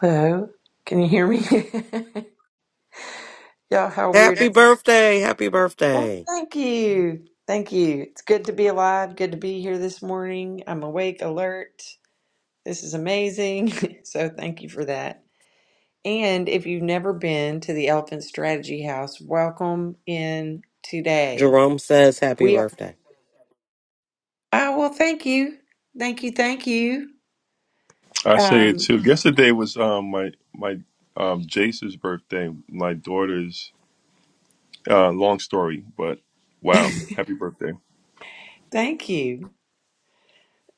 Hello, can you hear me? Y'all, how weird. Happy is- birthday. Happy Well, birthday. thank you. Thank you. It's good to be alive. Good to be here this morning. I'm awake, alert. This is amazing. so, thank you for that. And if you've never been to the Elephant Strategy House, welcome in today. Jerome says happy We are, birthday. oh, well, thank you. Thank you. Thank you. I say it Um, too. Yesterday was um my my um Jace's birthday, my daughter's uh long story, but wow, happy birthday. thank you.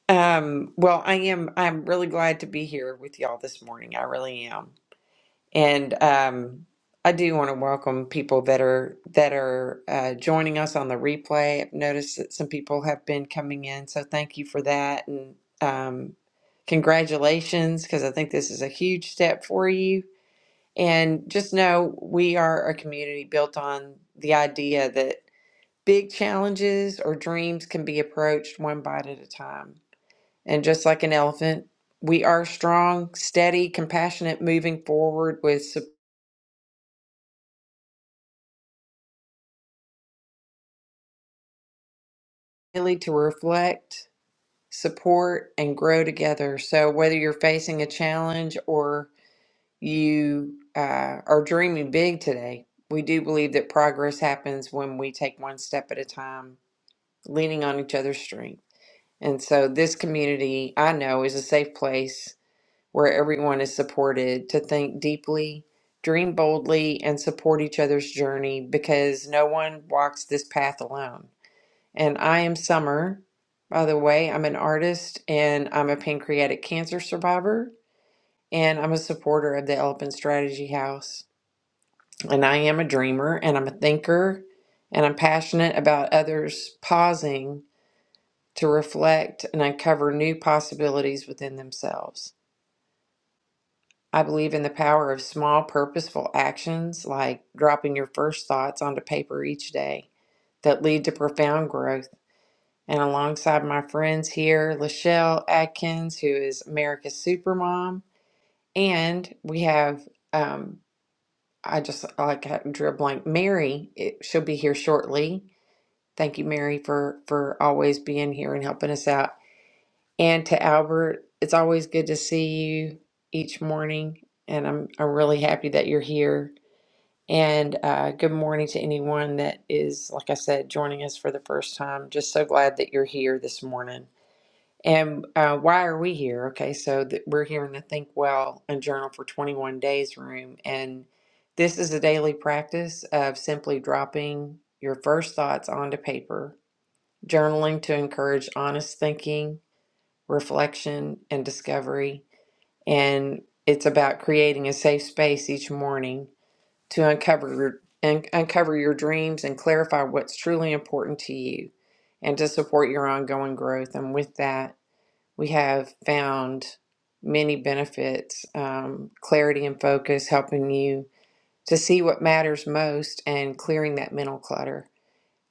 Um, well, I am, I'm really glad to be here with y'all this morning. I really am. And um, I do want to welcome people that are that are uh, joining us on the replay. I've noticed that some people have been coming in, so thank you for that. And um, congratulations, because I think this is a huge step for you. And just know we are a community built on the idea that big challenges or dreams can be approached one bite at a time. And just like an elephant, we are strong, steady, compassionate, moving forward with support really to reflect, support, and grow together. So, whether you're facing a challenge or you uh, are dreaming big today, we do believe that progress happens when we take one step at a time, leaning on each other's strength. And so, this community I know is a safe place where everyone is supported to think deeply. Dream boldly and support each other's journey because no one walks this path alone. And I am Summer. By the way, I'm an artist and I'm a pancreatic cancer survivor and I'm a supporter of the Elephant Strategy House. And I am a dreamer and I'm a thinker and I'm passionate about others pausing to reflect and uncover new possibilities within themselves. I believe in the power of small, purposeful actions like dropping your first thoughts onto paper each day that lead to profound growth and alongside my friends here, Lachelle Atkins, who is America's Supermom, and we have um, I just like I drew a blank. Mary, it, she'll be here shortly. Thank you, Mary, for for always being here and helping us out. And to Albert, it's always good to see you each morning, and I'm I'm really happy that you're here. And uh, good morning to anyone that is, like I said, joining us for the first time. Just so glad that you're here this morning. And uh, why are we here? Okay, so th- we're here in the Think Well and Journal for 21 Days room. And this is a daily practice of simply dropping your first thoughts onto paper, journaling to encourage honest thinking, reflection, and discovery. And it's about creating a safe space each morning to uncover your, un- uncover your dreams and clarify what's truly important to you and to support your ongoing growth. And with that, we have found many benefits um, clarity and focus, helping you to see what matters most and clearing that mental clutter.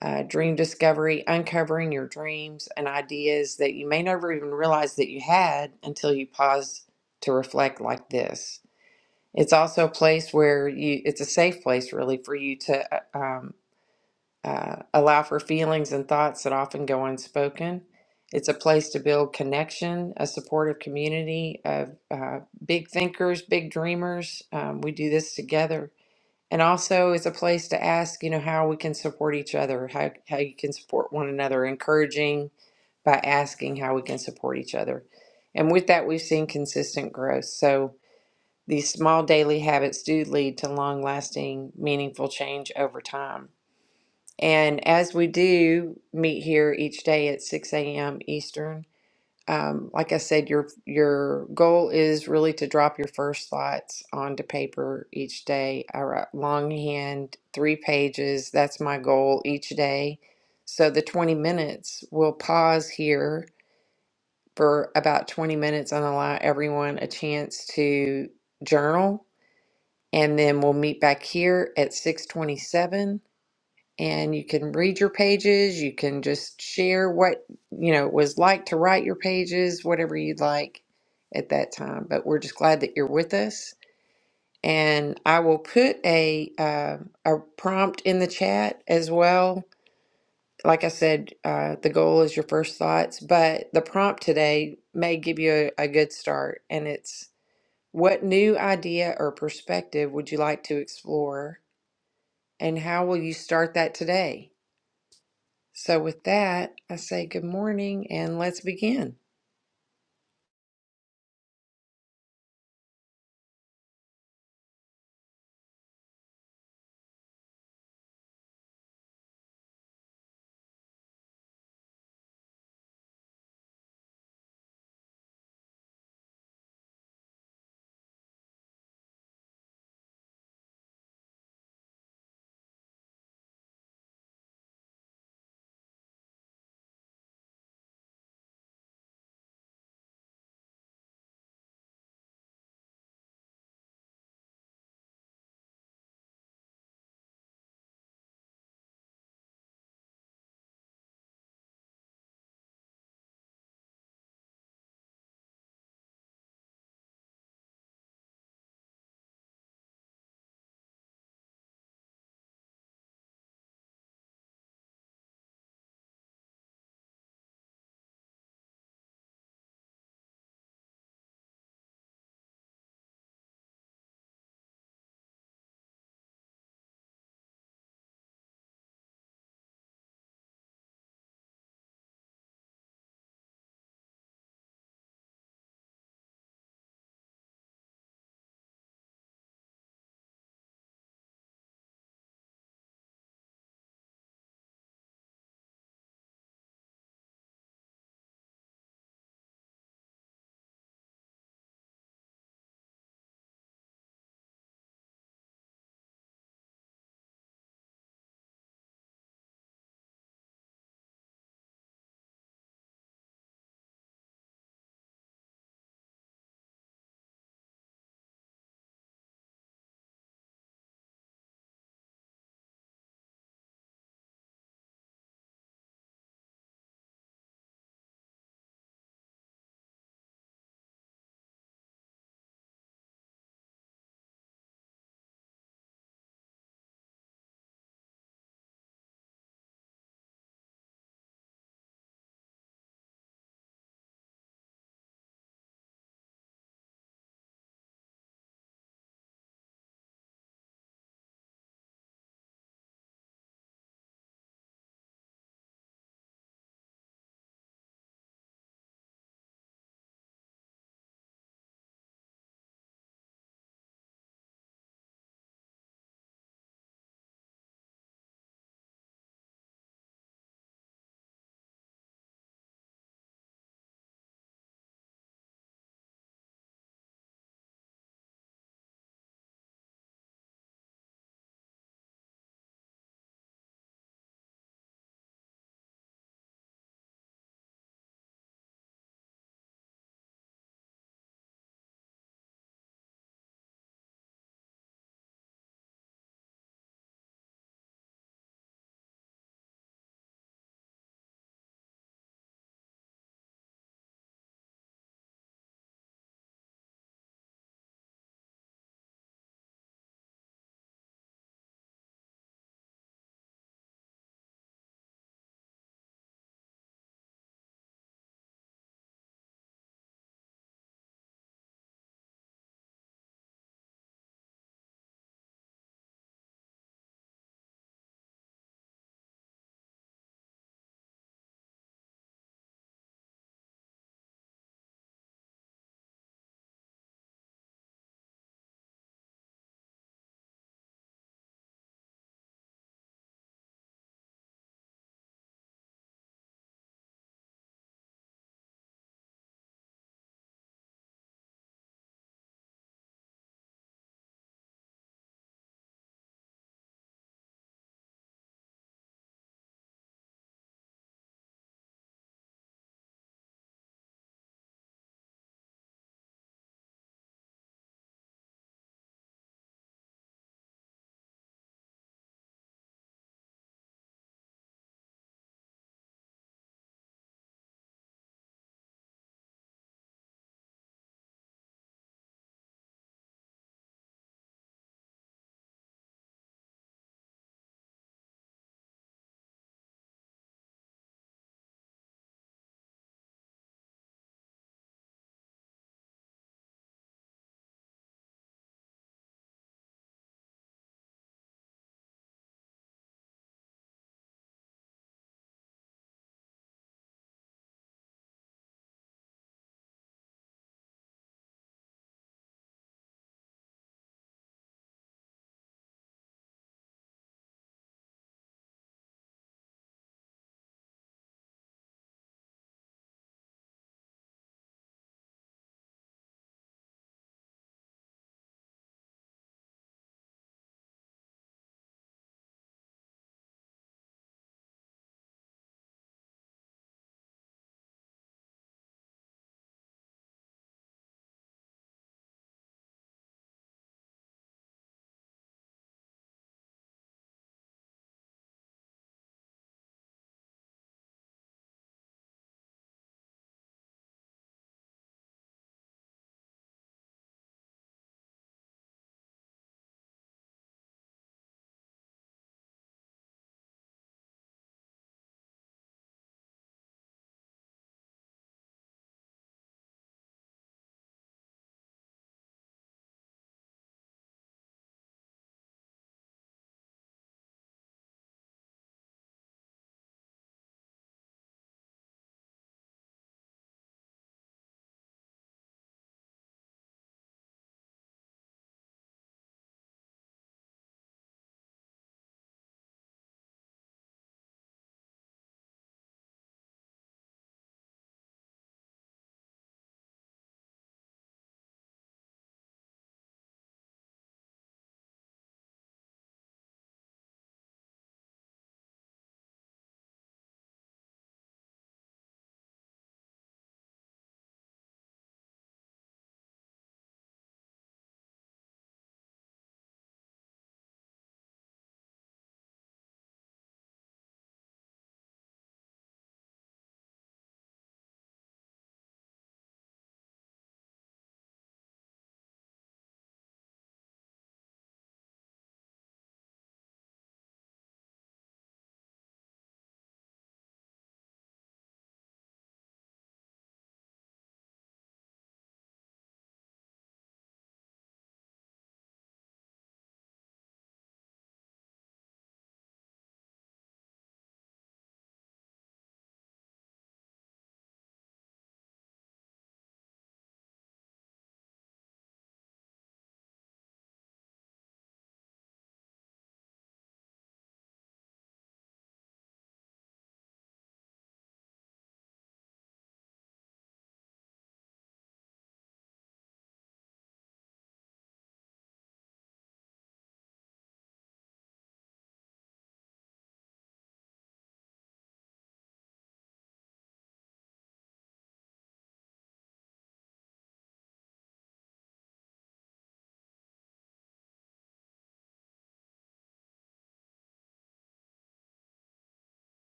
Uh, dream discovery, uncovering your dreams and ideas that you may never even realize that you had until you pause to reflect like this. It's also a place where you, it's a safe place really for you to uh, um, uh, allow for feelings and thoughts that often go unspoken. It's a place to build connection, a supportive community of uh, big thinkers, big dreamers. Um, we do this together. And also, it's a place to ask, you know, how we can support each other, how, how you can support one another, encouraging by asking how we can support each other. And with that, we've seen consistent growth. So these small daily habits do lead to long lasting, meaningful change over time. And as we do meet here each day at 6 a.m. Eastern, um, like I said, your your goal is really to drop your first thoughts onto paper each day. I write longhand, three pages. That's my goal each day. So the 20 minutes, we'll pause here for about 20 minutes and allow everyone a chance to journal. And then we'll meet back here at 627 and you can read your pages. You can just share what, you know, it was like to write your pages, whatever you'd like at that time. But we're just glad that you're with us. And I will put a uh, a prompt in the chat as well. Like I said, uh, the goal is your first thoughts, but the prompt today may give you a, a good start. And it's what new idea or perspective would you like to explore, and how will you start that today? So, with that, I say good morning and let's begin.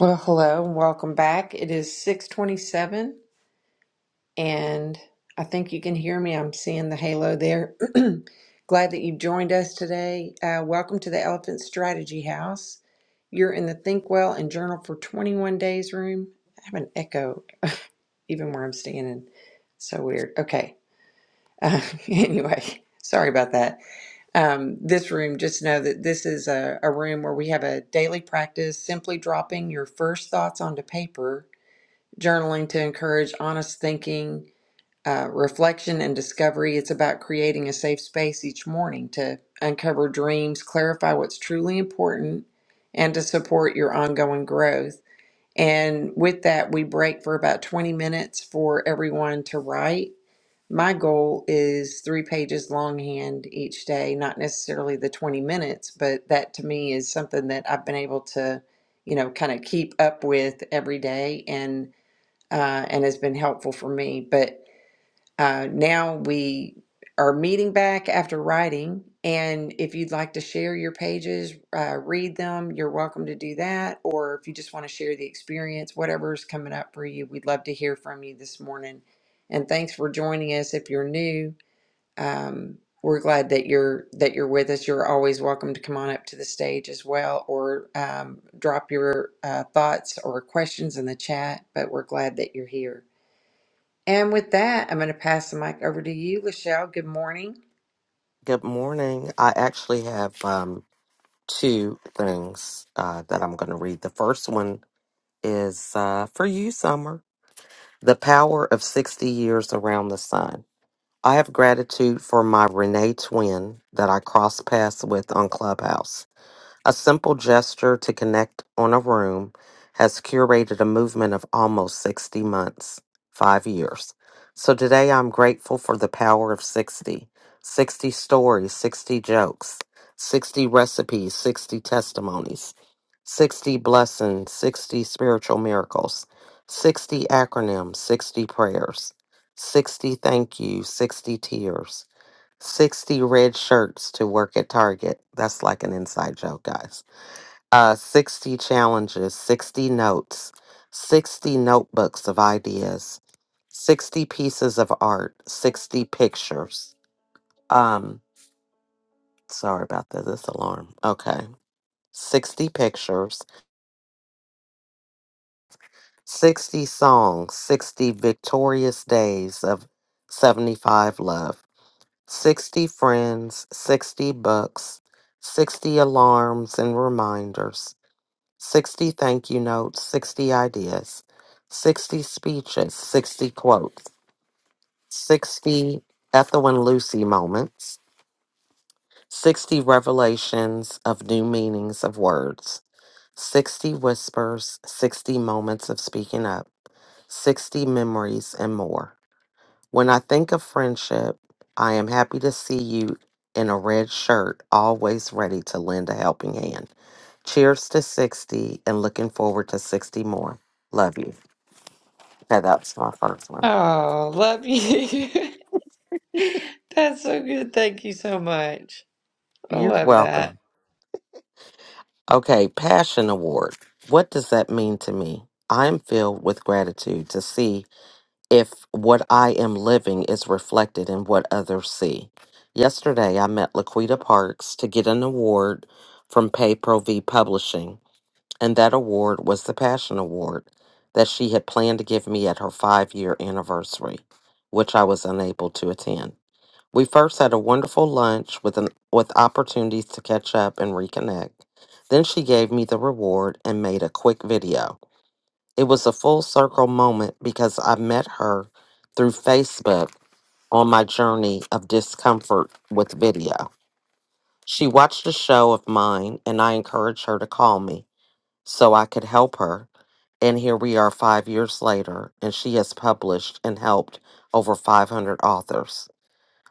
Well, hello and welcome back. It is 627, and I think you can hear me. I'm seeing the halo there. Glad that you joined us today. Uh, welcome to the Elephant Strategy House. You're in the Think Well and Journal for 21 Days room. I have an echo even where I'm standing. So weird. Okay. Uh, anyway, sorry about that. um, this room, just know that this is a, a room where we have a daily practice simply dropping your first thoughts onto paper, journaling to encourage honest thinking, uh, reflection, and discovery. It's about creating a safe space each morning to uncover dreams, clarify what's truly important, and to support your ongoing growth. And with that, we break for about 20 minutes for everyone to write. My goal is three pages longhand each day, not necessarily the 20 minutes, but that to me is something that I've been able to, you know, kind of keep up with every day and uh, and has been helpful for me. But uh, now we are meeting back after writing, and if you'd like to share your pages, uh, read them, you're welcome to do that. Or if you just want to share the experience, whatever's coming up for you, we'd love to hear from you this morning. And thanks for joining us. If you're new, um, we're glad that you're that you're with us. You're always welcome to come on up to the stage as well, or um, drop your uh, thoughts or questions in the chat. But we're glad that you're here. And with that, I'm going to pass the mic over to you, Lachelle. Good morning. Good morning. I actually have um, two things uh, that I'm going to read. The first one is uh, for you, Summer The Power of 60 Years Around the Sun. I have gratitude for my Renee twin that I crossed paths with on Clubhouse. A simple gesture to connect on a room has curated a movement of almost 60 months, five years. So today I'm grateful for the power of 60: 60 stories, 60 jokes, 60 recipes, 60 testimonies, 60 blessings, 60 spiritual miracles, 60 acronyms, 60 prayers, 60 thank yous, 60 tears. 60 red shirts to work at Target. That's like an inside joke, guys. Uh, 60 challenges, 60 notes, 60 notebooks of ideas, 60 pieces of art, 60 pictures. Um, sorry about that. This alarm. Okay. 60 pictures, 60 songs, 60 victorious days of 75 love. 60 friends, 60 bucks, 60 alarms and reminders, 60 thank you notes, 60 ideas, 60 speeches, 60 quotes, 60 Ethel and Lucy moments, 60 revelations of new meanings of words, 60 whispers, 60 moments of speaking up, 60 memories, and more. When I think of friendship, I am happy to see you in a red shirt, always ready to lend a helping hand. Cheers to 60 and looking forward to 60 more. Love you. Okay, that's my first one. Oh, love you. That's so good. Thank you so much. I You're love that. welcome. Okay, Passion Award. What does that mean to me? I am filled with gratitude to see if what I am living is reflected in what others see. Yesterday, I met Laquita Parks to get an award from Pay Pro V Publishing and that award was the Passion Award that she had planned to give me at her five year anniversary, which I was unable to attend. We first had a wonderful lunch with, an, with opportunities to catch up and reconnect. Then she gave me the reward and made a quick video. It was a full circle moment because I met her through Facebook on my journey of discomfort with video. She watched a show of mine and I encouraged her to call me so I could help her and here we are five years later, and she has published and helped over 500 authors.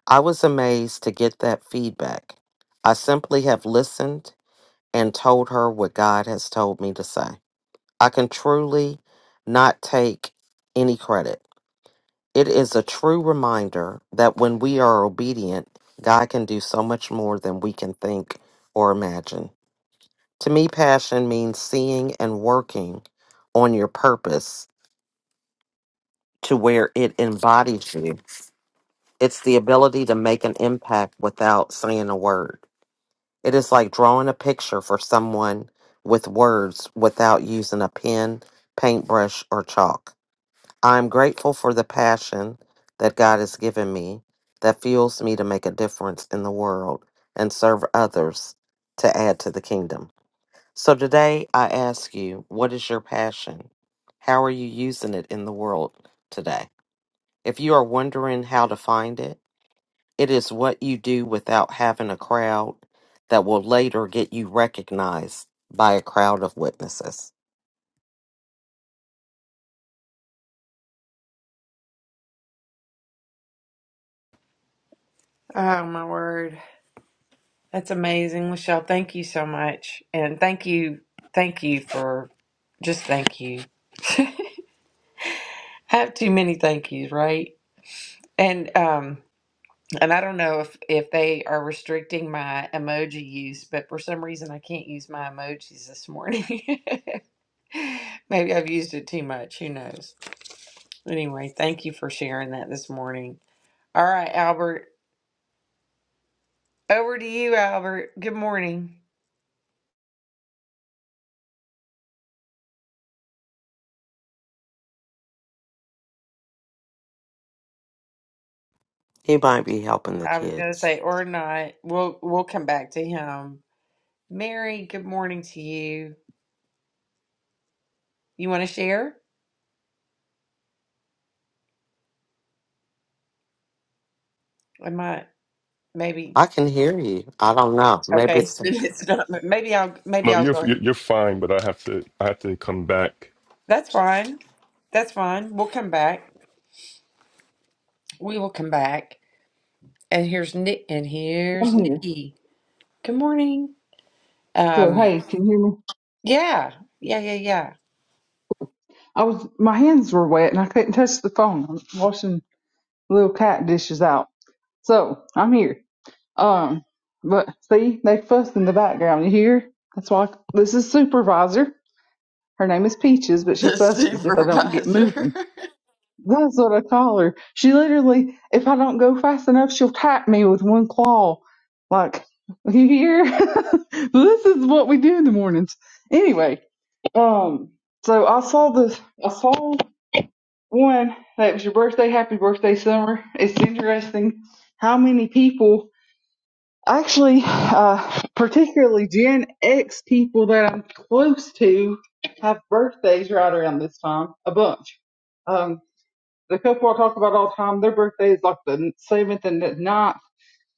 I was amazed to get that feedback. I simply have listened and told her what God has told me to say. I can truly not take any credit. It is a true reminder that when we are obedient, God can do so much more than we can think or imagine. To me, passion means seeing and working on your purpose to where it embodies you. It's the ability to make an impact without saying a word. It is like drawing a picture for someone with words without using a pen, paintbrush, or chalk. I am grateful for the passion that God has given me that fuels me to make a difference in the world and serve others to add to the kingdom. So today I ask you, what is your passion? How are you using it in the world today? If you are wondering how to find it, it is what you do without having a crowd that will later get you recognized by a crowd of witnesses. Oh, my word. That's amazing. Michelle, thank you so much. And thank you. Thank you for just thank you. I have too many thank yous, right? And um and I don't know if if they are restricting my emoji use, but for some reason I can't use my emojis this morning. Maybe I've used it too much. Who knows? Anyway, thank you for sharing that this morning. All right, Albert. Over to you, Albert. Good morning. He might be helping the I was gonna kids. say or not. We'll we'll come back to him. Mary, good morning to you. You want to share? I might maybe. I can hear you. I don't know. Maybe Okay, it's it's, it's not. Maybe I'll No, maybe I'll you're go. you're you're fine, but I have to I have to come back. That's fine. That's fine. We'll come back. We will come back. And here's Nick. And I'm here's here. Nikki. Good morning. So Um. hey, can you hear me? Yeah. Yeah. Yeah. Yeah. I was my hands were wet and I couldn't touch the phone. I'm washing little cat dishes out. So I'm here. Um, but see, they fuss in the background. You hear? That's why this is supervisor. Her name is Peaches, but she The fusses if I don't get supervisor. moving. That's what I call her. She literally, if I don't go fast enough, she'll tap me with one claw. Like, you hear? this is what we do in the mornings. Anyway, um, so I saw this, I saw one that was your birthday, happy birthday, summer. It's interesting how many people actually, uh, particularly Gen X people that I'm close to have birthdays right around this time, a bunch. Um the couple I talk about all the time, their birthday is like the seventh and the ninth.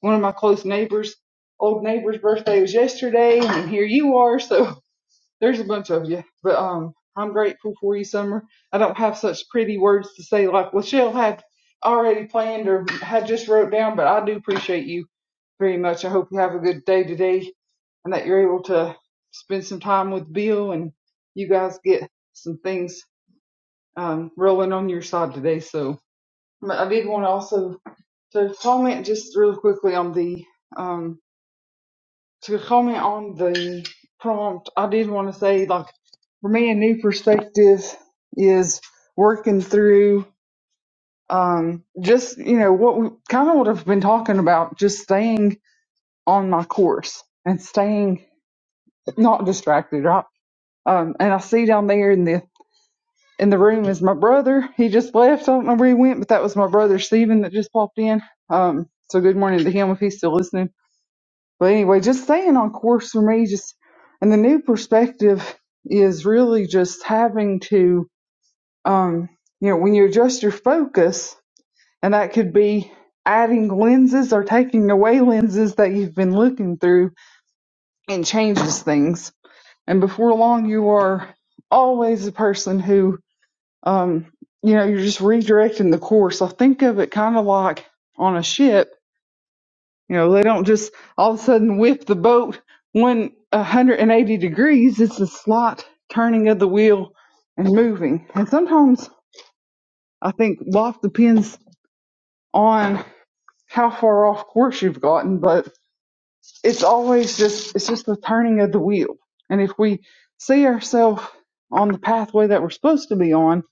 One of my close neighbors, old neighbor's birthday was yesterday, and here you are. So there's a bunch of you. But um, I'm grateful for you, Summer. I don't have such pretty words to say like Lachelle had already planned or had just wrote down, but I do appreciate you very much. I hope you have a good day today and that you're able to spend some time with Bill and you guys get some things um, rolling on your side today. So but I did want to also to comment just real quickly on the um to comment on the prompt. I did want to say like for me a new perspective is working through um just you know what we kind of what I've been talking about just staying on my course and staying not distracted right um and I see down there in the in the room is my brother he just left I don't know where he went but that was my brother Stephen that just popped in um so good morning to him if he's still listening But anyway, just staying on course for me, just and the new perspective is really just having to, um, you know, when you adjust your focus, and that could be adding lenses or taking away lenses that you've been looking through and changes things. And before long, you are always a person who, um, you know, you're just redirecting the course. I think of it kind of like on a ship You know, they don't just all of a sudden whip the boat 180 degrees. It's a slight turning of the wheel and moving. And sometimes I think life depends on how far off course you've gotten, but it's always just, it's just the turning of the wheel. And if we see ourselves on the pathway that we're supposed to be on,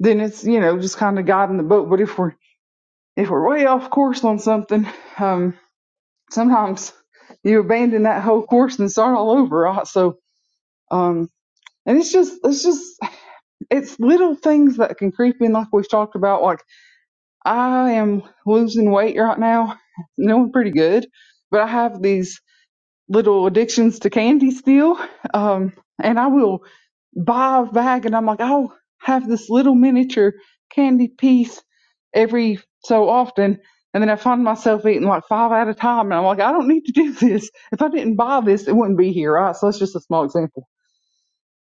then it's, you know, just kind of guiding the boat. But if we're, if we're way off course on something, um, sometimes you abandon that whole course and start all over. Uh, So, um, and it's just, it's just, it's little things that can creep in, like we've talked about. Like I am losing weight right now, doing pretty good, but I have these little addictions to candy still. Um, and I will buy a bag and I'm like, I'll have this little miniature candy piece every so often. And then I find myself eating like five at a time. And I'm like, I don't need to do this. If I didn't buy this, it wouldn't be here. Right. So that's just a small example.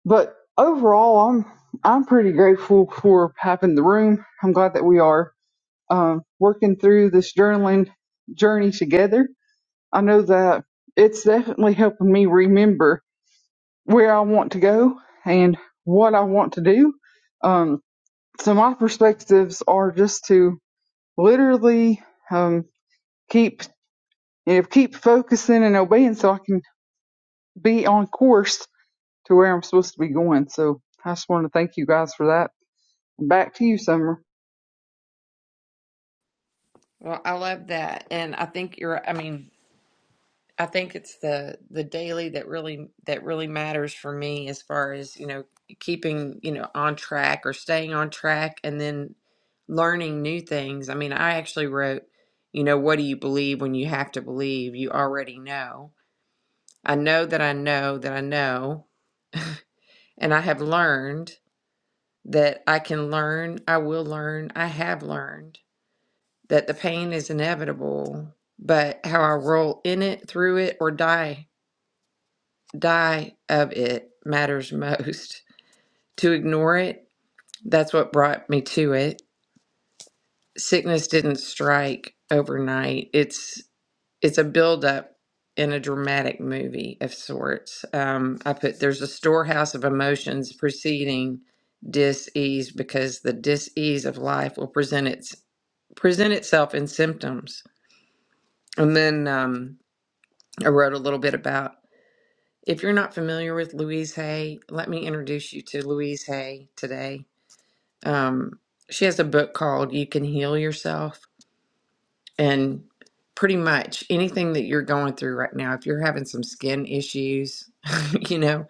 But overall, I'm, I'm pretty grateful for having the room. I'm glad that we are um, working through this journaling journey together I know that it's definitely helping me remember where I want to go and what I want to do. Um, so my perspectives are just to literally um, keep you know, keep focusing and obeying, so I can be on course to where I'm supposed to be going. So I just want to thank you guys for that. Back to you, Summer. Well, I love that. And I think you're, I mean, I think it's the the daily that really that really matters for me as far as, you know, keeping, you know, on track or staying on track and then learning new things. I mean, I actually wrote, you know, what do you believe when you have to believe? You already know. I know that I know that I know, and I have learned that I can learn, I will learn, I have learned. that the pain is inevitable, but how I roll in it, through it, or die die of it matters most. To ignore it, that's what brought me to it. Sickness didn't strike overnight. It's it's a buildup in a dramatic movie of sorts. Um, I put there's a storehouse of emotions preceding dis-ease because the dis-ease of life will present its present itself in symptoms. And then um, I wrote a little bit about. If you're not familiar with Louise Hay, let me introduce you to Louise Hay today. Um, she has a book called You Can Heal Yourself. And pretty much anything that you're going through right now, if you're having some skin issues, you know,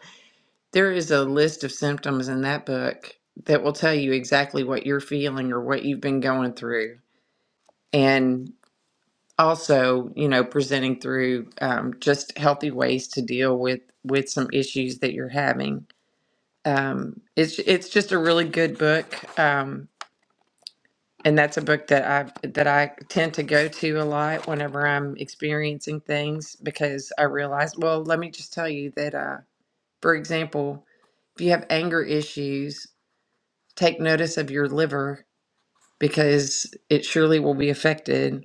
there is a list of symptoms in that book that will tell you exactly what you're feeling or what you've been going through. and. also you know presenting through um, just healthy ways to deal with with some issues that you're having um, it's it's just a really good book um, and that's a book that i that i tend to go to a lot whenever i'm experiencing things because i realize well let me just tell you that uh, for example if you have anger issues take notice of your liver because it surely will be affected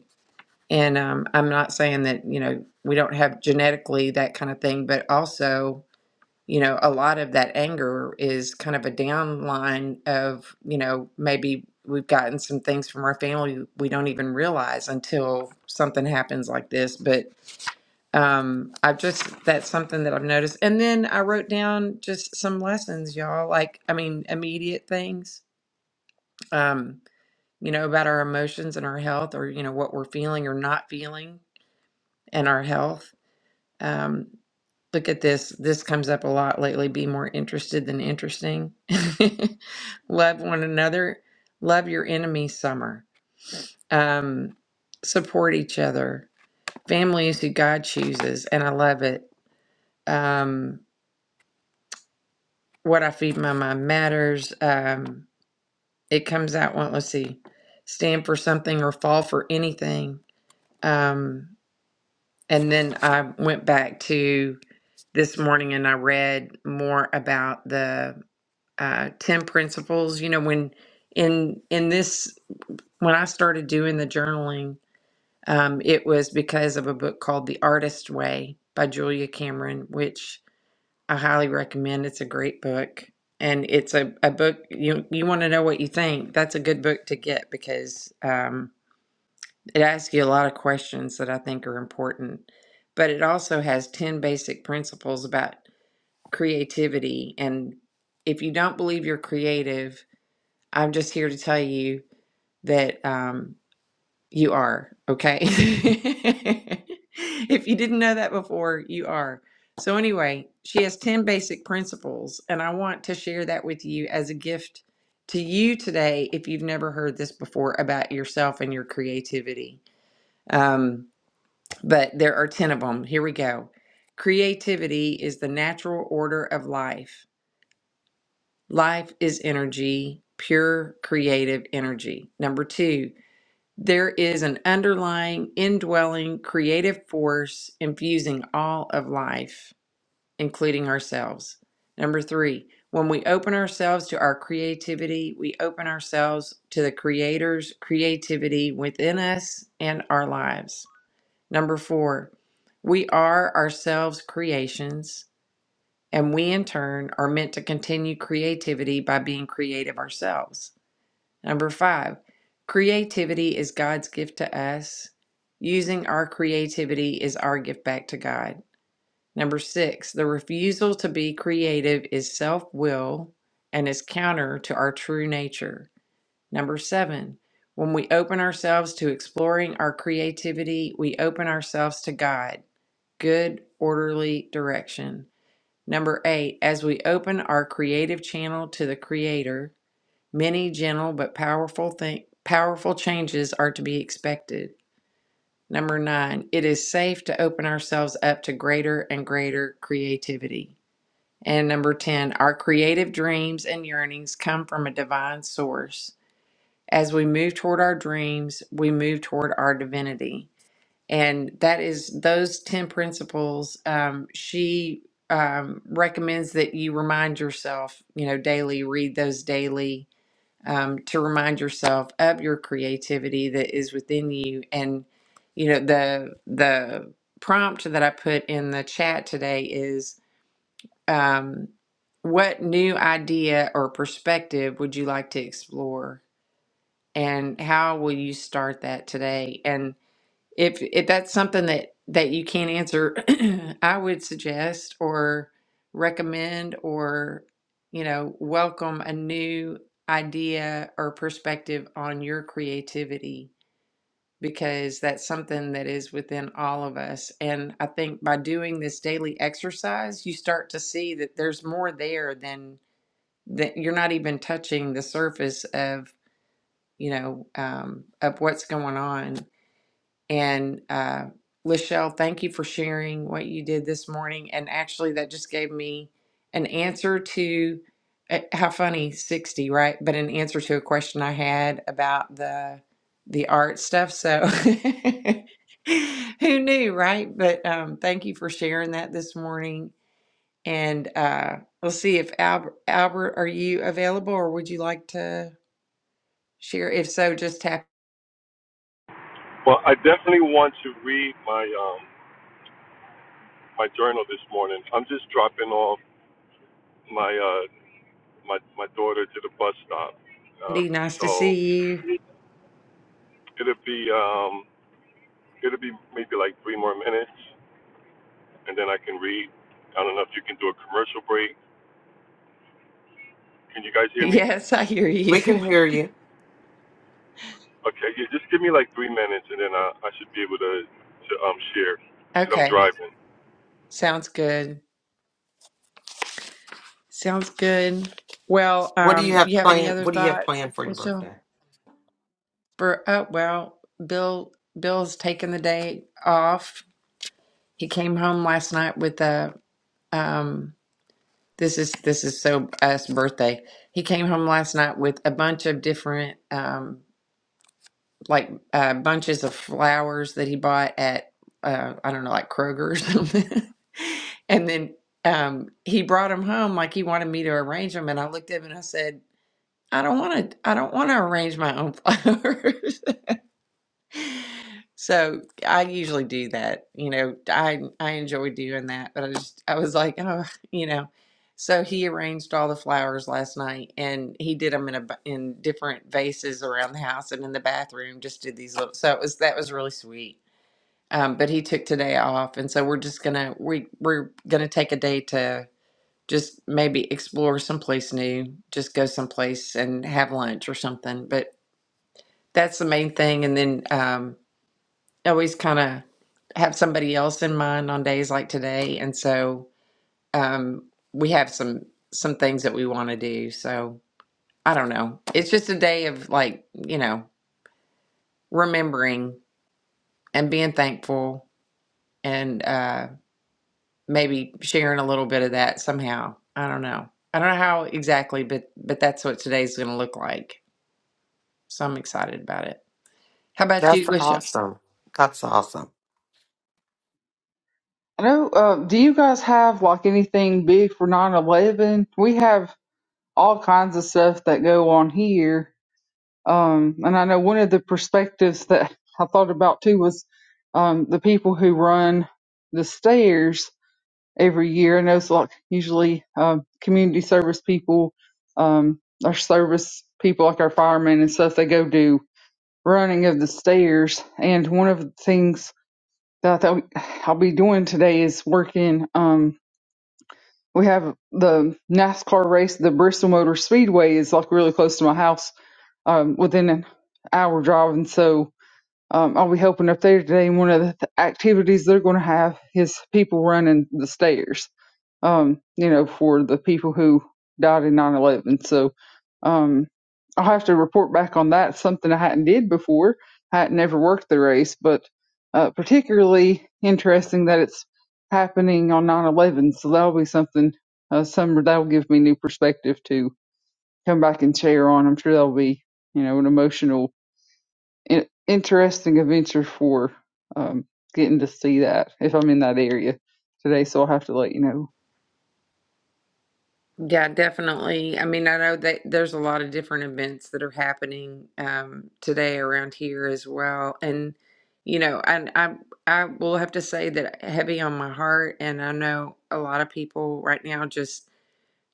And um, I'm not saying that, you know, we don't have genetically that kind of thing, but also, you know, a lot of that anger is kind of a downline of, you know, maybe we've gotten some things from our family we don't even realize until something happens like this. But um, I've just, that's something that I've noticed. And then I wrote down just some lessons, y'all, like, I mean, immediate things, um, you know, about our emotions and our health or, you know, what we're feeling or not feeling and our health Um, look at this. This comes up a lot lately. Be more interested than interesting. Love one another. Love your enemy, summer. Um, support each other. Family is who God chooses, and I love it. Um, what I feed my mind matters. Um, it comes out. Well, let's see. Stand for something or fall for anything. Um, and then I went back to this morning and I read more about the uh, 10 principles you know when in in this when i started doing the journaling um, it was because of a book called the artist way by julia cameron which i highly recommend it's a great book and it's a, a book you you want to know what you think that's a good book to get because um, it asks you a lot of questions that i think are important but it also has 10 basic principles about creativity and if you don't believe you're creative I'm just here to tell you that um, you are, okay? if you didn't know that before, you are. So, anyway, she has 10 basic principles, and I want to share that with you as a gift to you today if you've never heard this before about yourself and your creativity. Um, but there are 10 of them. Here we go. Creativity is the natural order of life. Life is energy, pure creative energy. Number two, There is an underlying, indwelling, creative force infusing all of life, including ourselves. Number three, when we open ourselves to our creativity, we open ourselves to the Creator's creativity within us and our lives. Number four, we are ourselves creations, and we in turn are meant to continue creativity by being creative ourselves. Number five, creativity is God's gift to us. Using our creativity is our gift back to God. Number six, the refusal to be creative is self will and is counter to our true nature. Number seven, when we open ourselves to exploring our creativity, we open ourselves to God. Good, orderly direction. Number eight, as we open our creative channel to the Creator, Many gentle but powerful thing, powerful changes are to be expected. Number nine, it is safe to open ourselves up to greater and greater creativity. And number 10, our creative dreams and yearnings come from a divine source. As we move toward our dreams, we move toward our divinity. And that is those 10 principles. Um, she um, recommends that you remind yourself, you know, daily, read those daily um, to remind yourself of your creativity that is within you. And you know the the prompt that I put in the chat today is um, what new idea or perspective would you like to explore, and how will you start that today? And if if that's something that that you can't answer i would suggest or recommend or you know welcome a new idea or perspective on your creativity because that's something that is within all of us and i think by doing this daily exercise you start to see that there's more there than that you're not even touching the surface of you know um, of what's going on and uh, Lachelle, thank you for sharing what you did this morning. And actually, that just gave me an answer to eh, how funny 60, right? But an answer to a question I had about the the art stuff. So who knew, right? But um, thank you for sharing that this morning. And uh, we'll see if Albert, Albert, are you available or would you like to share? If so, just tap. Well, I definitely want to read my um my journal this morning. I'm just dropping off my uh my my daughter to the bus stop, uh, Andy, nice to so see you. it'll be um it'll be maybe like three more minutes, and then I can read. I don't know if you can do a commercial break. Can you guys hear me? Yes, I hear you. we can hear you. Okay, yeah, just give me like three minutes, and then I, I should be able to to um share because I'm Okay. driving. Sounds good. Sounds good. Well, What do you um, have you have any planned? other What do you have thoughts? planned for Well, your so birthday? for oh well, Bill Bill's taking the day off. He came home last night with a um this is this is so us birthday. He came home last night with a bunch of different um like uh, bunches of flowers that he bought at uh, I don't know, like Kroger or something. and then um, he brought them home like he wanted me to arrange them, and I looked at him and I said, "I don't want to. I don't want to arrange my own flowers." So I usually do that. You know, I I enjoy doing that, but I just I was like, oh, you know. So he arranged all the flowers last night, and he did them in a bu- in different vases around the house and in the bathroom. Just did these little. So it was that was really sweet. Um, but he took today off, and so we're just gonna we we're gonna take a day to just maybe explore someplace new, just go someplace and have lunch or something. But that's the main thing, and then um, always kind of have somebody else in mind on days like today, and so um, we have some some things that we want to do. So I don't know. It's just a day of like you know remembering and being thankful, and uh, maybe sharing a little bit of that somehow. I don't know. I don't know how exactly, but but that's what today's going to look like. So I'm excited about it. How about That's you, Lisha? awesome. That's awesome. I know. Uh, do you guys have like anything big for 9/11? We have all kinds of stuff that go on here Um, and I know one of the perspectives that I thought about too was um, the people who run the stairs every year. And those like usually um, community service people, um, our service people like our firemen and stuff. They go do running of the stairs. And one of the things that I thought I'll be doing today is working. Um, we have the NASCAR race, the Bristol Motor Speedway is like really close to my house, um, within an hour drive. And so um, I'll be helping up there today. And one of the th- activities they're going to have is people running the stairs, um, you know, for the people who died in 9 11. So um, I'll have to report back on that. Something I hadn't did before. I hadn't never worked the race, but uh, particularly interesting that it's happening on 9 11. So that'll be something, uh, some that'll give me new perspective to come back and share on. I'm sure that'll be, you know, an emotional in- interesting adventure for um, getting to see that if I'm in that area today. So I'll have to let you Yeah, definitely. I mean, I know that there's a lot of different events that are happening um, today around here as well, and you know, and I I will have to say that heavy on my heart, and I know a lot of people right now just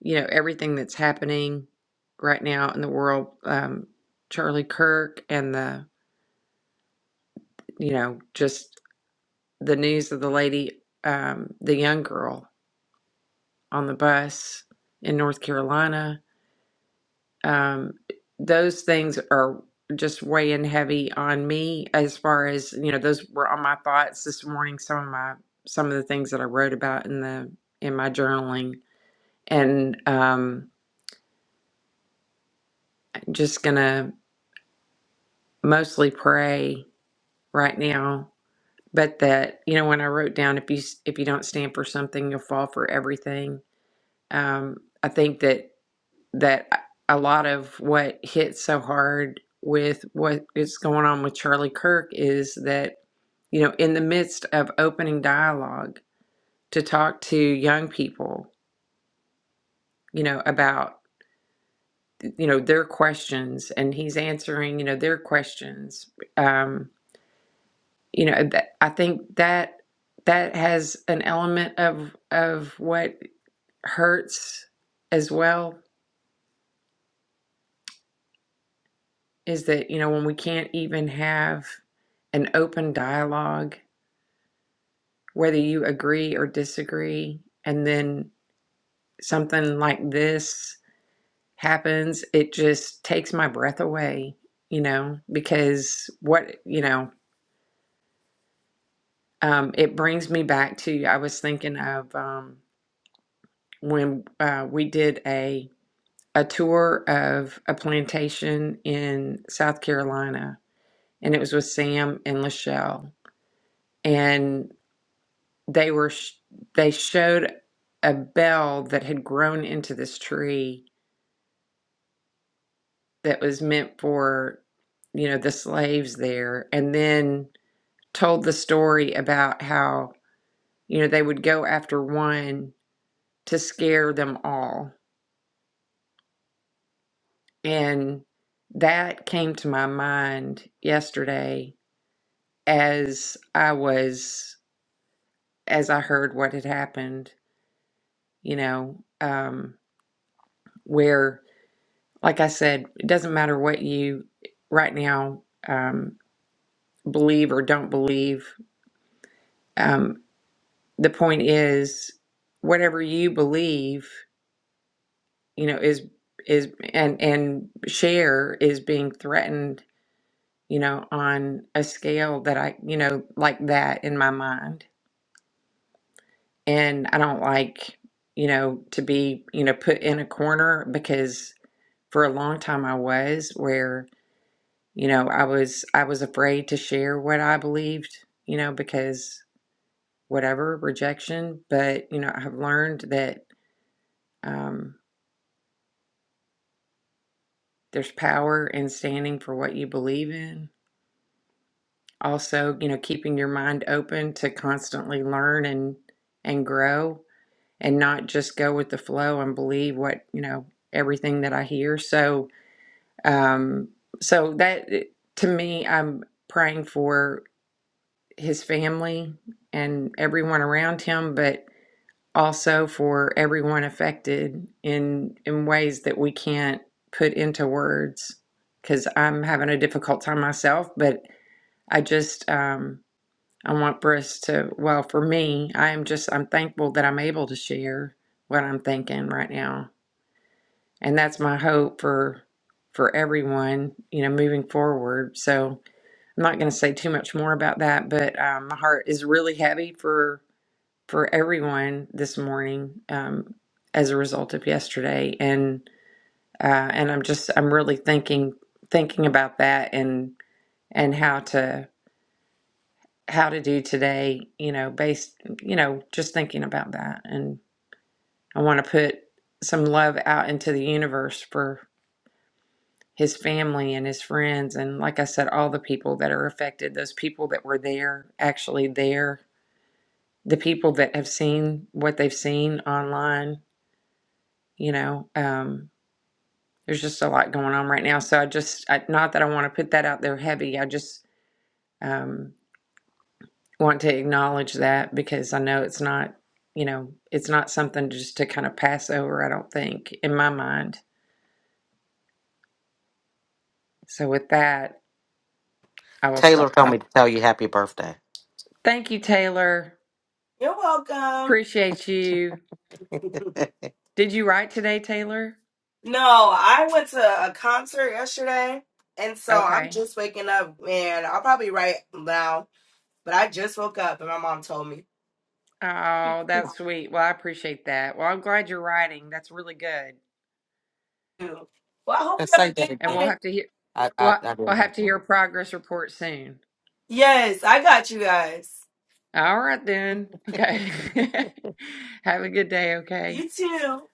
you know everything that's happening right now in the world. Um, Charlie Kirk and the you know just the news of the lady, um, the young girl on the bus in North Carolina um, those things are just weighing heavy on me as far as you know those were on my thoughts this morning some of my some of the things that i wrote about in the in my journaling and um just gonna mostly pray right now but that you know when i wrote down if you s- if you don't stand for something you'll fall for everything um i think that that a lot of what hits so hard with what is going on with Charlie Kirk is that, you know, in the midst of opening dialogue to talk to young people, you know, about, you know, their questions and he's answering, you know, their questions. Um, you know, that, I think that that has an element of of what hurts as well is that, you know, when we can't even have an open dialogue, whether you agree or disagree, and then something like this happens, it just takes my breath away, you know, because what, you know, um, it brings me back to, I was thinking of um, when uh, we did a, a tour of a plantation in South Carolina, and it was with Sam and Lachelle And they were sh- they showed a bell that had grown into this tree that was meant for you know the slaves there and then told the story about how you know they would go after one to scare them all and that came to my mind yesterday as i was as i heard what had happened you know um where Like I said, it doesn't matter what you right now um, believe or don't believe. Um, the point is, whatever you believe, you know, is is and and share is being threatened, you know, on a scale that I, you know, like that in my mind, and I don't like, you know, to be, you know, put in a corner because for a long time I was where You know, I was I was afraid to share what I believed, you know, because whatever rejection, but you know, I've learned that um there's power in standing for what you believe in. Also, you know, keeping your mind open to constantly learn and and grow and not just go with the flow and believe what, you know, everything that I hear. So, um so that to me, I'm praying for. his family and everyone around him, but also for everyone affected in in ways that we can't put into words. Because I'm having a difficult time myself, but I just um, I want Briss to. Well, for me, I am just I'm thankful that I'm able to share what I'm thinking right now, and that's my hope for for everyone. You know, moving forward. So I'm not going to say too much more about that, but um, my heart is really heavy for for everyone this morning um, as a result of yesterday, and uh, and I'm just I'm really thinking thinking about that and and how to how to do today. You know, based you know just thinking about that, and I want to put some love out into the universe for his family and his friends and like i said all the people that are affected those people that were there actually there the people that have seen what they've seen online you know um, there's just a lot going on right now. So I just, I, not that I want to put that out there heavy. I just um, want to acknowledge that because I know it's not, you know, it's not something just to kind of pass over, I don't think, in my mind. So with that, I will stop. Taylor told me talking. to tell you happy birthday. Thank you, Taylor. You're welcome. Appreciate you. Did you write today, Taylor? No, I went to a concert yesterday, and so I'm Okay. just waking up, and I'll probably write now. But I just woke up, and my mom told me. Oh, that's sweet. Well, I appreciate that. Well, I'm glad you're writing. That's really good. Well, I hope Uh, you Say have a that good And again. we'll night. have to hear, I, I, well, I we'll didn't have have to one. hear a progress report soon. Yes, I got you guys. All right then. Okay. Have a good day, okay? You too.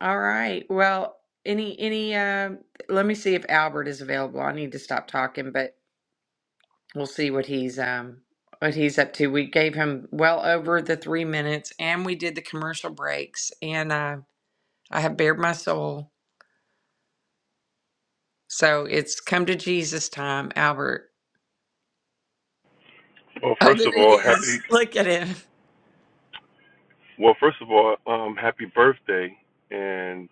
All right. Well, any any um let me see if Albert is available. I need to stop talking, but we'll see what he's um what he's up to. We gave him well over the 3 minutes and we did the commercial breaks and uh I have bared my soul. So it's come to Jesus time, Albert. Well, Oh, first of there he all, is. happy. Look at him. Well, first of all, um, happy birthday, and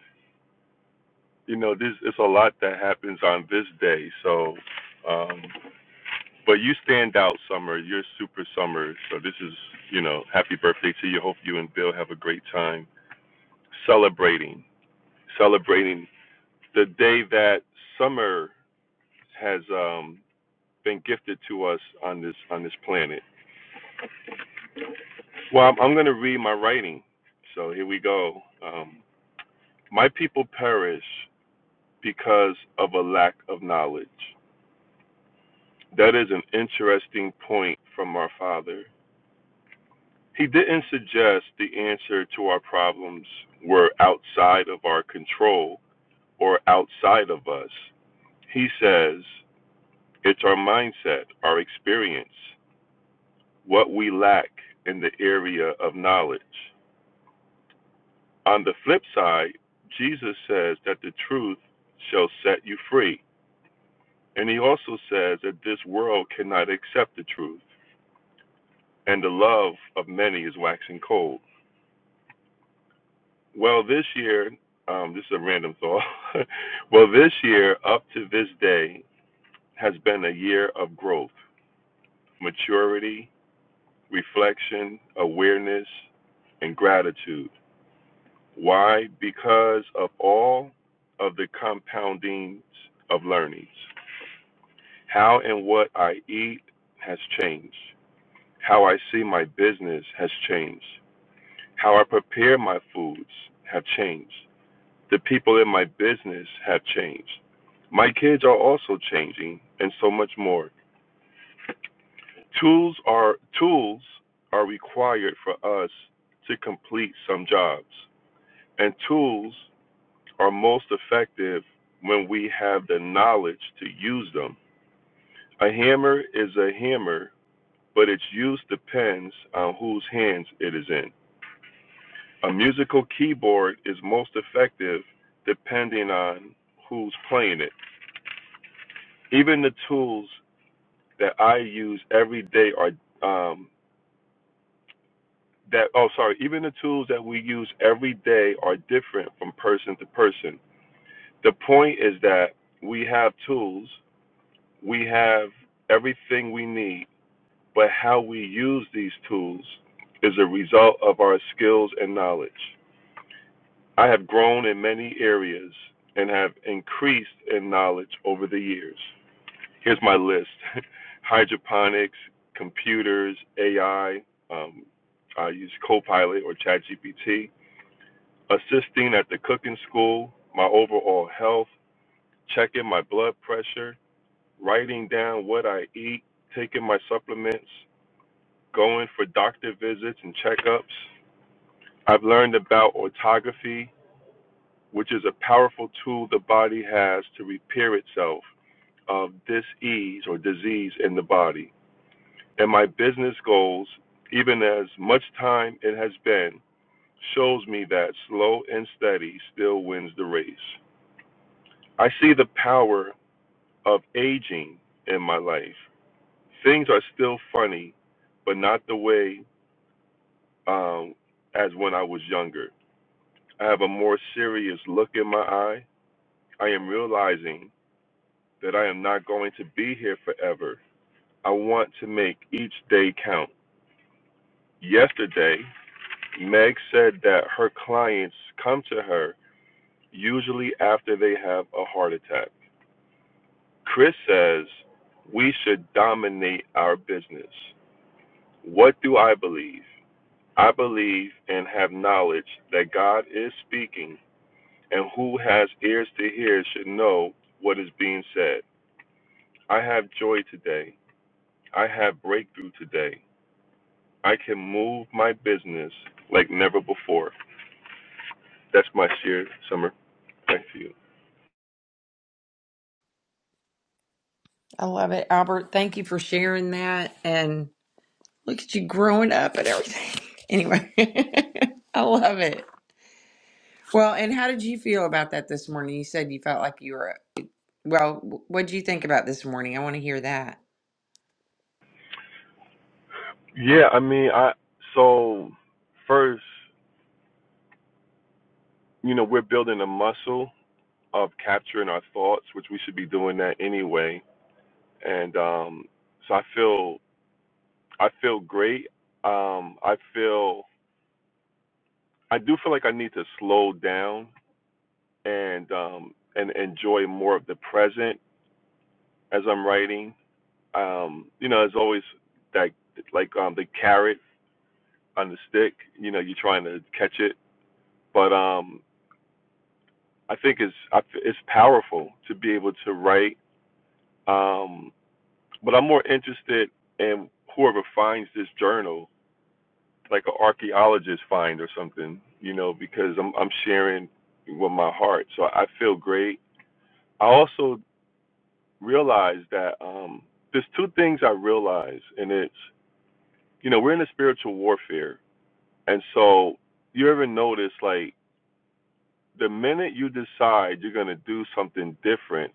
you know this it's a lot that happens on this day. So, um, but you stand out, Summer. You're super Summer. So this is you know happy birthday to you. Hope you and Bill have a great time celebrating celebrating the day that Summer has um been gifted to us on this on this planet Well, I'm, I'm going to read my writing. So here we go. Um, my people perish because of a lack of knowledge. That is an interesting point from our father. He didn't suggest the answer to our problems were outside of our control or outside of us. He says it's our mindset, our experience, what we lack in the area of knowledge. On the flip side, Jesus says that the truth shall set you free. And he also says that this world cannot accept the truth, and the love of many is waxing cold. Well, this year, um, this is a random thought. well, this year, up to this day, has been a year of growth, maturity, reflection, awareness, and gratitude. Why? Because of all of the compoundings of learnings. How and what I eat has changed. How I see my business has changed. How I prepare my foods have changed. The people in my business have changed. My kids are also changing and so much more. Tools are tools are required for us to complete some jobs. And tools are most effective when we have the knowledge to use them. A hammer is a hammer but its use depends on whose hands it is in. A musical keyboard is most effective depending on who's playing it. Even the tools that I use every day are um, that oh sorry, even the tools that we use every day are different from person to person. The point is that we have tools, we have everything we need, but how we use these tools is a result of our skills and knowledge. I have grown in many areas and have increased in knowledge over the years. Here's my list hydroponics, computers, AI. Um, I use Copilot or ChatGPT, assisting at the cooking school, my overall health, checking my blood pressure, writing down what I eat, taking my supplements, going for doctor visits and checkups. I've learned about autography which is a powerful tool the body has to repair itself of disease or disease in the body. And my business goals, even as much time it has been, shows me that slow and steady still wins the race. I see the power of aging in my life. Things are still funny, but not the way um, as when I was younger. I have a more serious look in my eye. I am realizing that I am not going to be here forever. I want to make each day count. Yesterday, Meg said that her clients come to her usually after they have a heart attack. Chris says we should dominate our business. What do I believe? I believe and have knowledge that God is speaking, and who has ears to hear should know what is being said. I have joy today. I have breakthrough today. I can move my business like never before. That's my sheer summer. Thank you. I love it. Albert, thank you for sharing that. and. Look at you growing up and everything. Anyway, I love it. Well, and how did you feel about that this morning? You said you felt like you were, well, what did you think about this morning? I want to hear that. Yeah, I mean, I so first, you know, we're building a muscle of capturing our thoughts, which we should be doing that anyway. And um, so I feel I feel great. Um, I feel I do feel like I need to slow down and um, and enjoy more of the present as I'm writing. Um, you know, there's always that like um, the carrot on the stick. You know, you're trying to catch it, but um, I think it's it's powerful to be able to write. Um, but I'm more interested in whoever finds this journal, like an archaeologist find or something. You know, because I'm I'm sharing with my heart, so I feel great. I also realize that um, there's two things I realize, and it's you know we're in a spiritual warfare, and so you ever notice like the minute you decide you're going to do something different,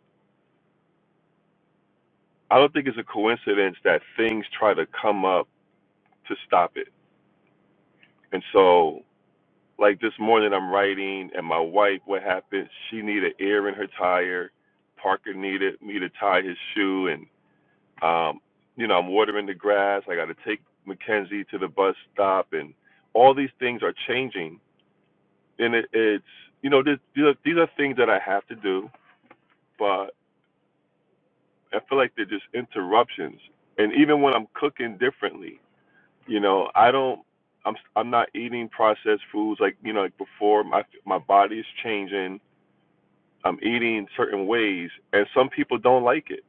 I don't think it's a coincidence that things try to come up to stop it. And so, like this morning, I'm writing, and my wife, what happened? She needed air in her tire. Parker needed me to tie his shoe, and um, you know, I'm watering the grass. I got to take Mackenzie to the bus stop, and all these things are changing. And it, it's, you know, this, these are, these are things that I have to do, but. I feel like they're just interruptions. And even when I'm cooking differently, you know, I don't. I'm I'm not eating processed foods like you know like before. My my body is changing. I'm eating certain ways, and some people don't like it.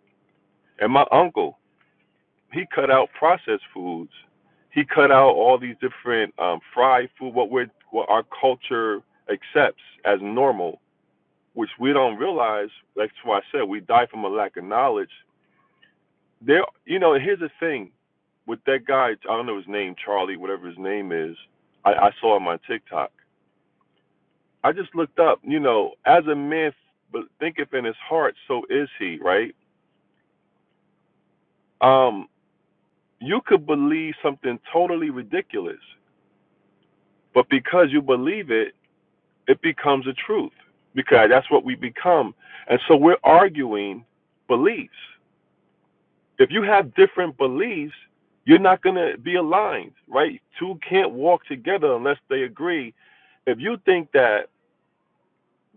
And my uncle, he cut out processed foods. He cut out all these different um, fried food. What we're what our culture accepts as normal, which we don't realize. That's why I said we die from a lack of knowledge There, you know, here's the thing with that guy. I don't know his name, Charlie, whatever his name is. I, I saw him on TikTok. I just looked up. You know, as a man but thinketh in his heart, so is he. Right? Um, you could believe something totally ridiculous, but because you believe it, it becomes a truth. Because that's what we become, and so we're arguing beliefs. If you have different beliefs, you're not going to be aligned, right? Two can't walk together unless they agree. If you think that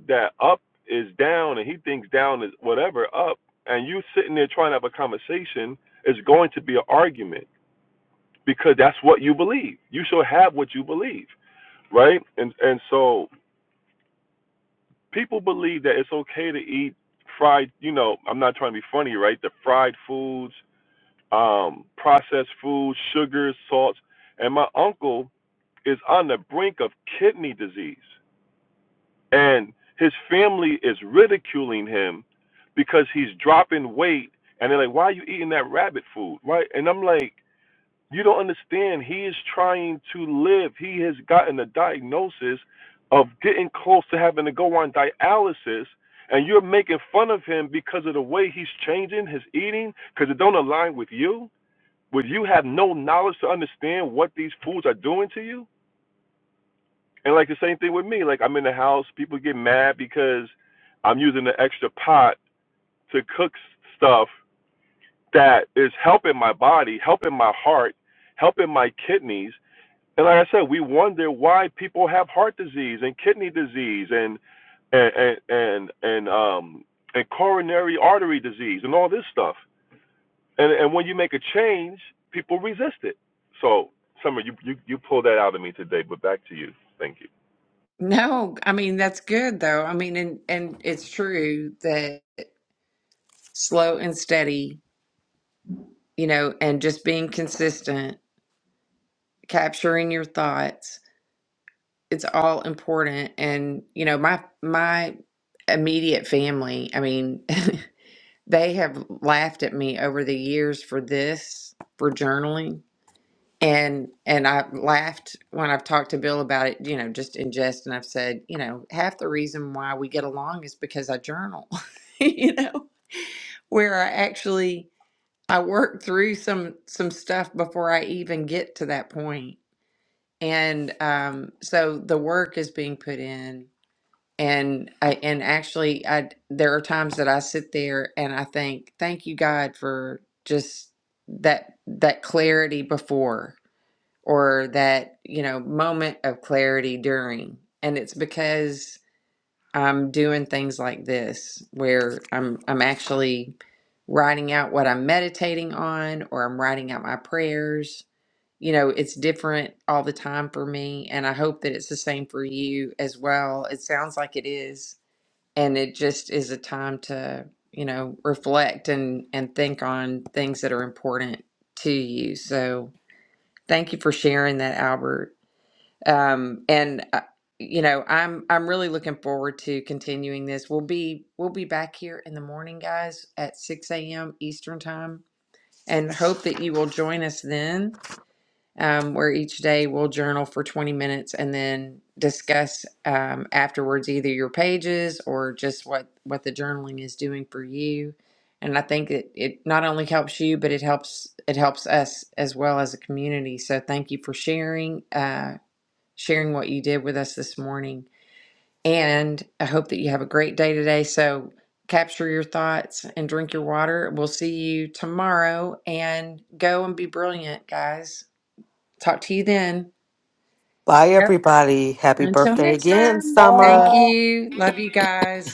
that up is down and he thinks down is whatever up, and you sitting there trying to have a conversation, it's going to be an argument because that's what you believe. You should have what you believe, right? And and so people believe that it's okay to eat fried. You know, I'm not trying to be funny, right? The fried foods um, processed foods, sugars, salts. And my uncle is on the brink of kidney disease. And his family is ridiculing him because he's dropping weight. And they're like, why are you eating that rabbit food? Right? And I'm like, you don't understand. He is trying to live. He has gotten a diagnosis of getting close to having to go on dialysis. And you're making fun of him because of the way he's changing his eating because it don't align with you would you have no knowledge to understand what these fools are doing to you? And like the same thing with me, like I'm in the house, people get mad because I'm using the extra pot to cook stuff that is helping my body, helping my heart, helping my kidneys. And like I said, we wonder why people have heart disease and kidney disease and and and and, and um and coronary artery disease and all this stuff. And and when you make a change, people resist it. So, Summer, you you you pulled that out of me today. But back to you. Thank you. No, I mean, that's good though. I mean, and, and it's true that slow and steady, you know, and just being consistent, capturing your thoughts, it's all important. And, you know, my, my immediate family, I mean, They have laughed at me over the years for this, for journaling. And and I've laughed when I've talked to Bill about it, you know, just in jest, and I've said, you know, half the reason why we get along is because I journal, you know, where I actually I work through some some stuff before I even get to that point. And um, so the work is being put in and I, and actually I there are times that I sit there and I think thank you God for just that that clarity before or that you know moment of clarity during and it's because I'm doing things like this where I'm I'm actually writing out what I'm meditating on or I'm writing out my prayers you know it's different all the time for me and I hope that it's the same for you as well it sounds like it is and it just is a time to you know reflect and and think on things that are important to you so thank you for sharing that albert um and uh, you know i'm i'm really looking forward to continuing this we'll be we'll be back here in the morning guys at 6 a.m eastern time and hope that you will join us then um, where each day we'll journal for 20 minutes and then discuss um, afterwards either your pages or just what what the journaling is doing for you and i think it, it not only helps you but it helps it helps us as well as a community so thank you for sharing uh, sharing what you did with us this morning and i hope that you have a great day today so capture your thoughts and drink your water we'll see you tomorrow and go and be brilliant guys talk to you then Bye, Yep. everybody. Happy Until birthday next again, time. Summer. Thank know. you. Love you guys.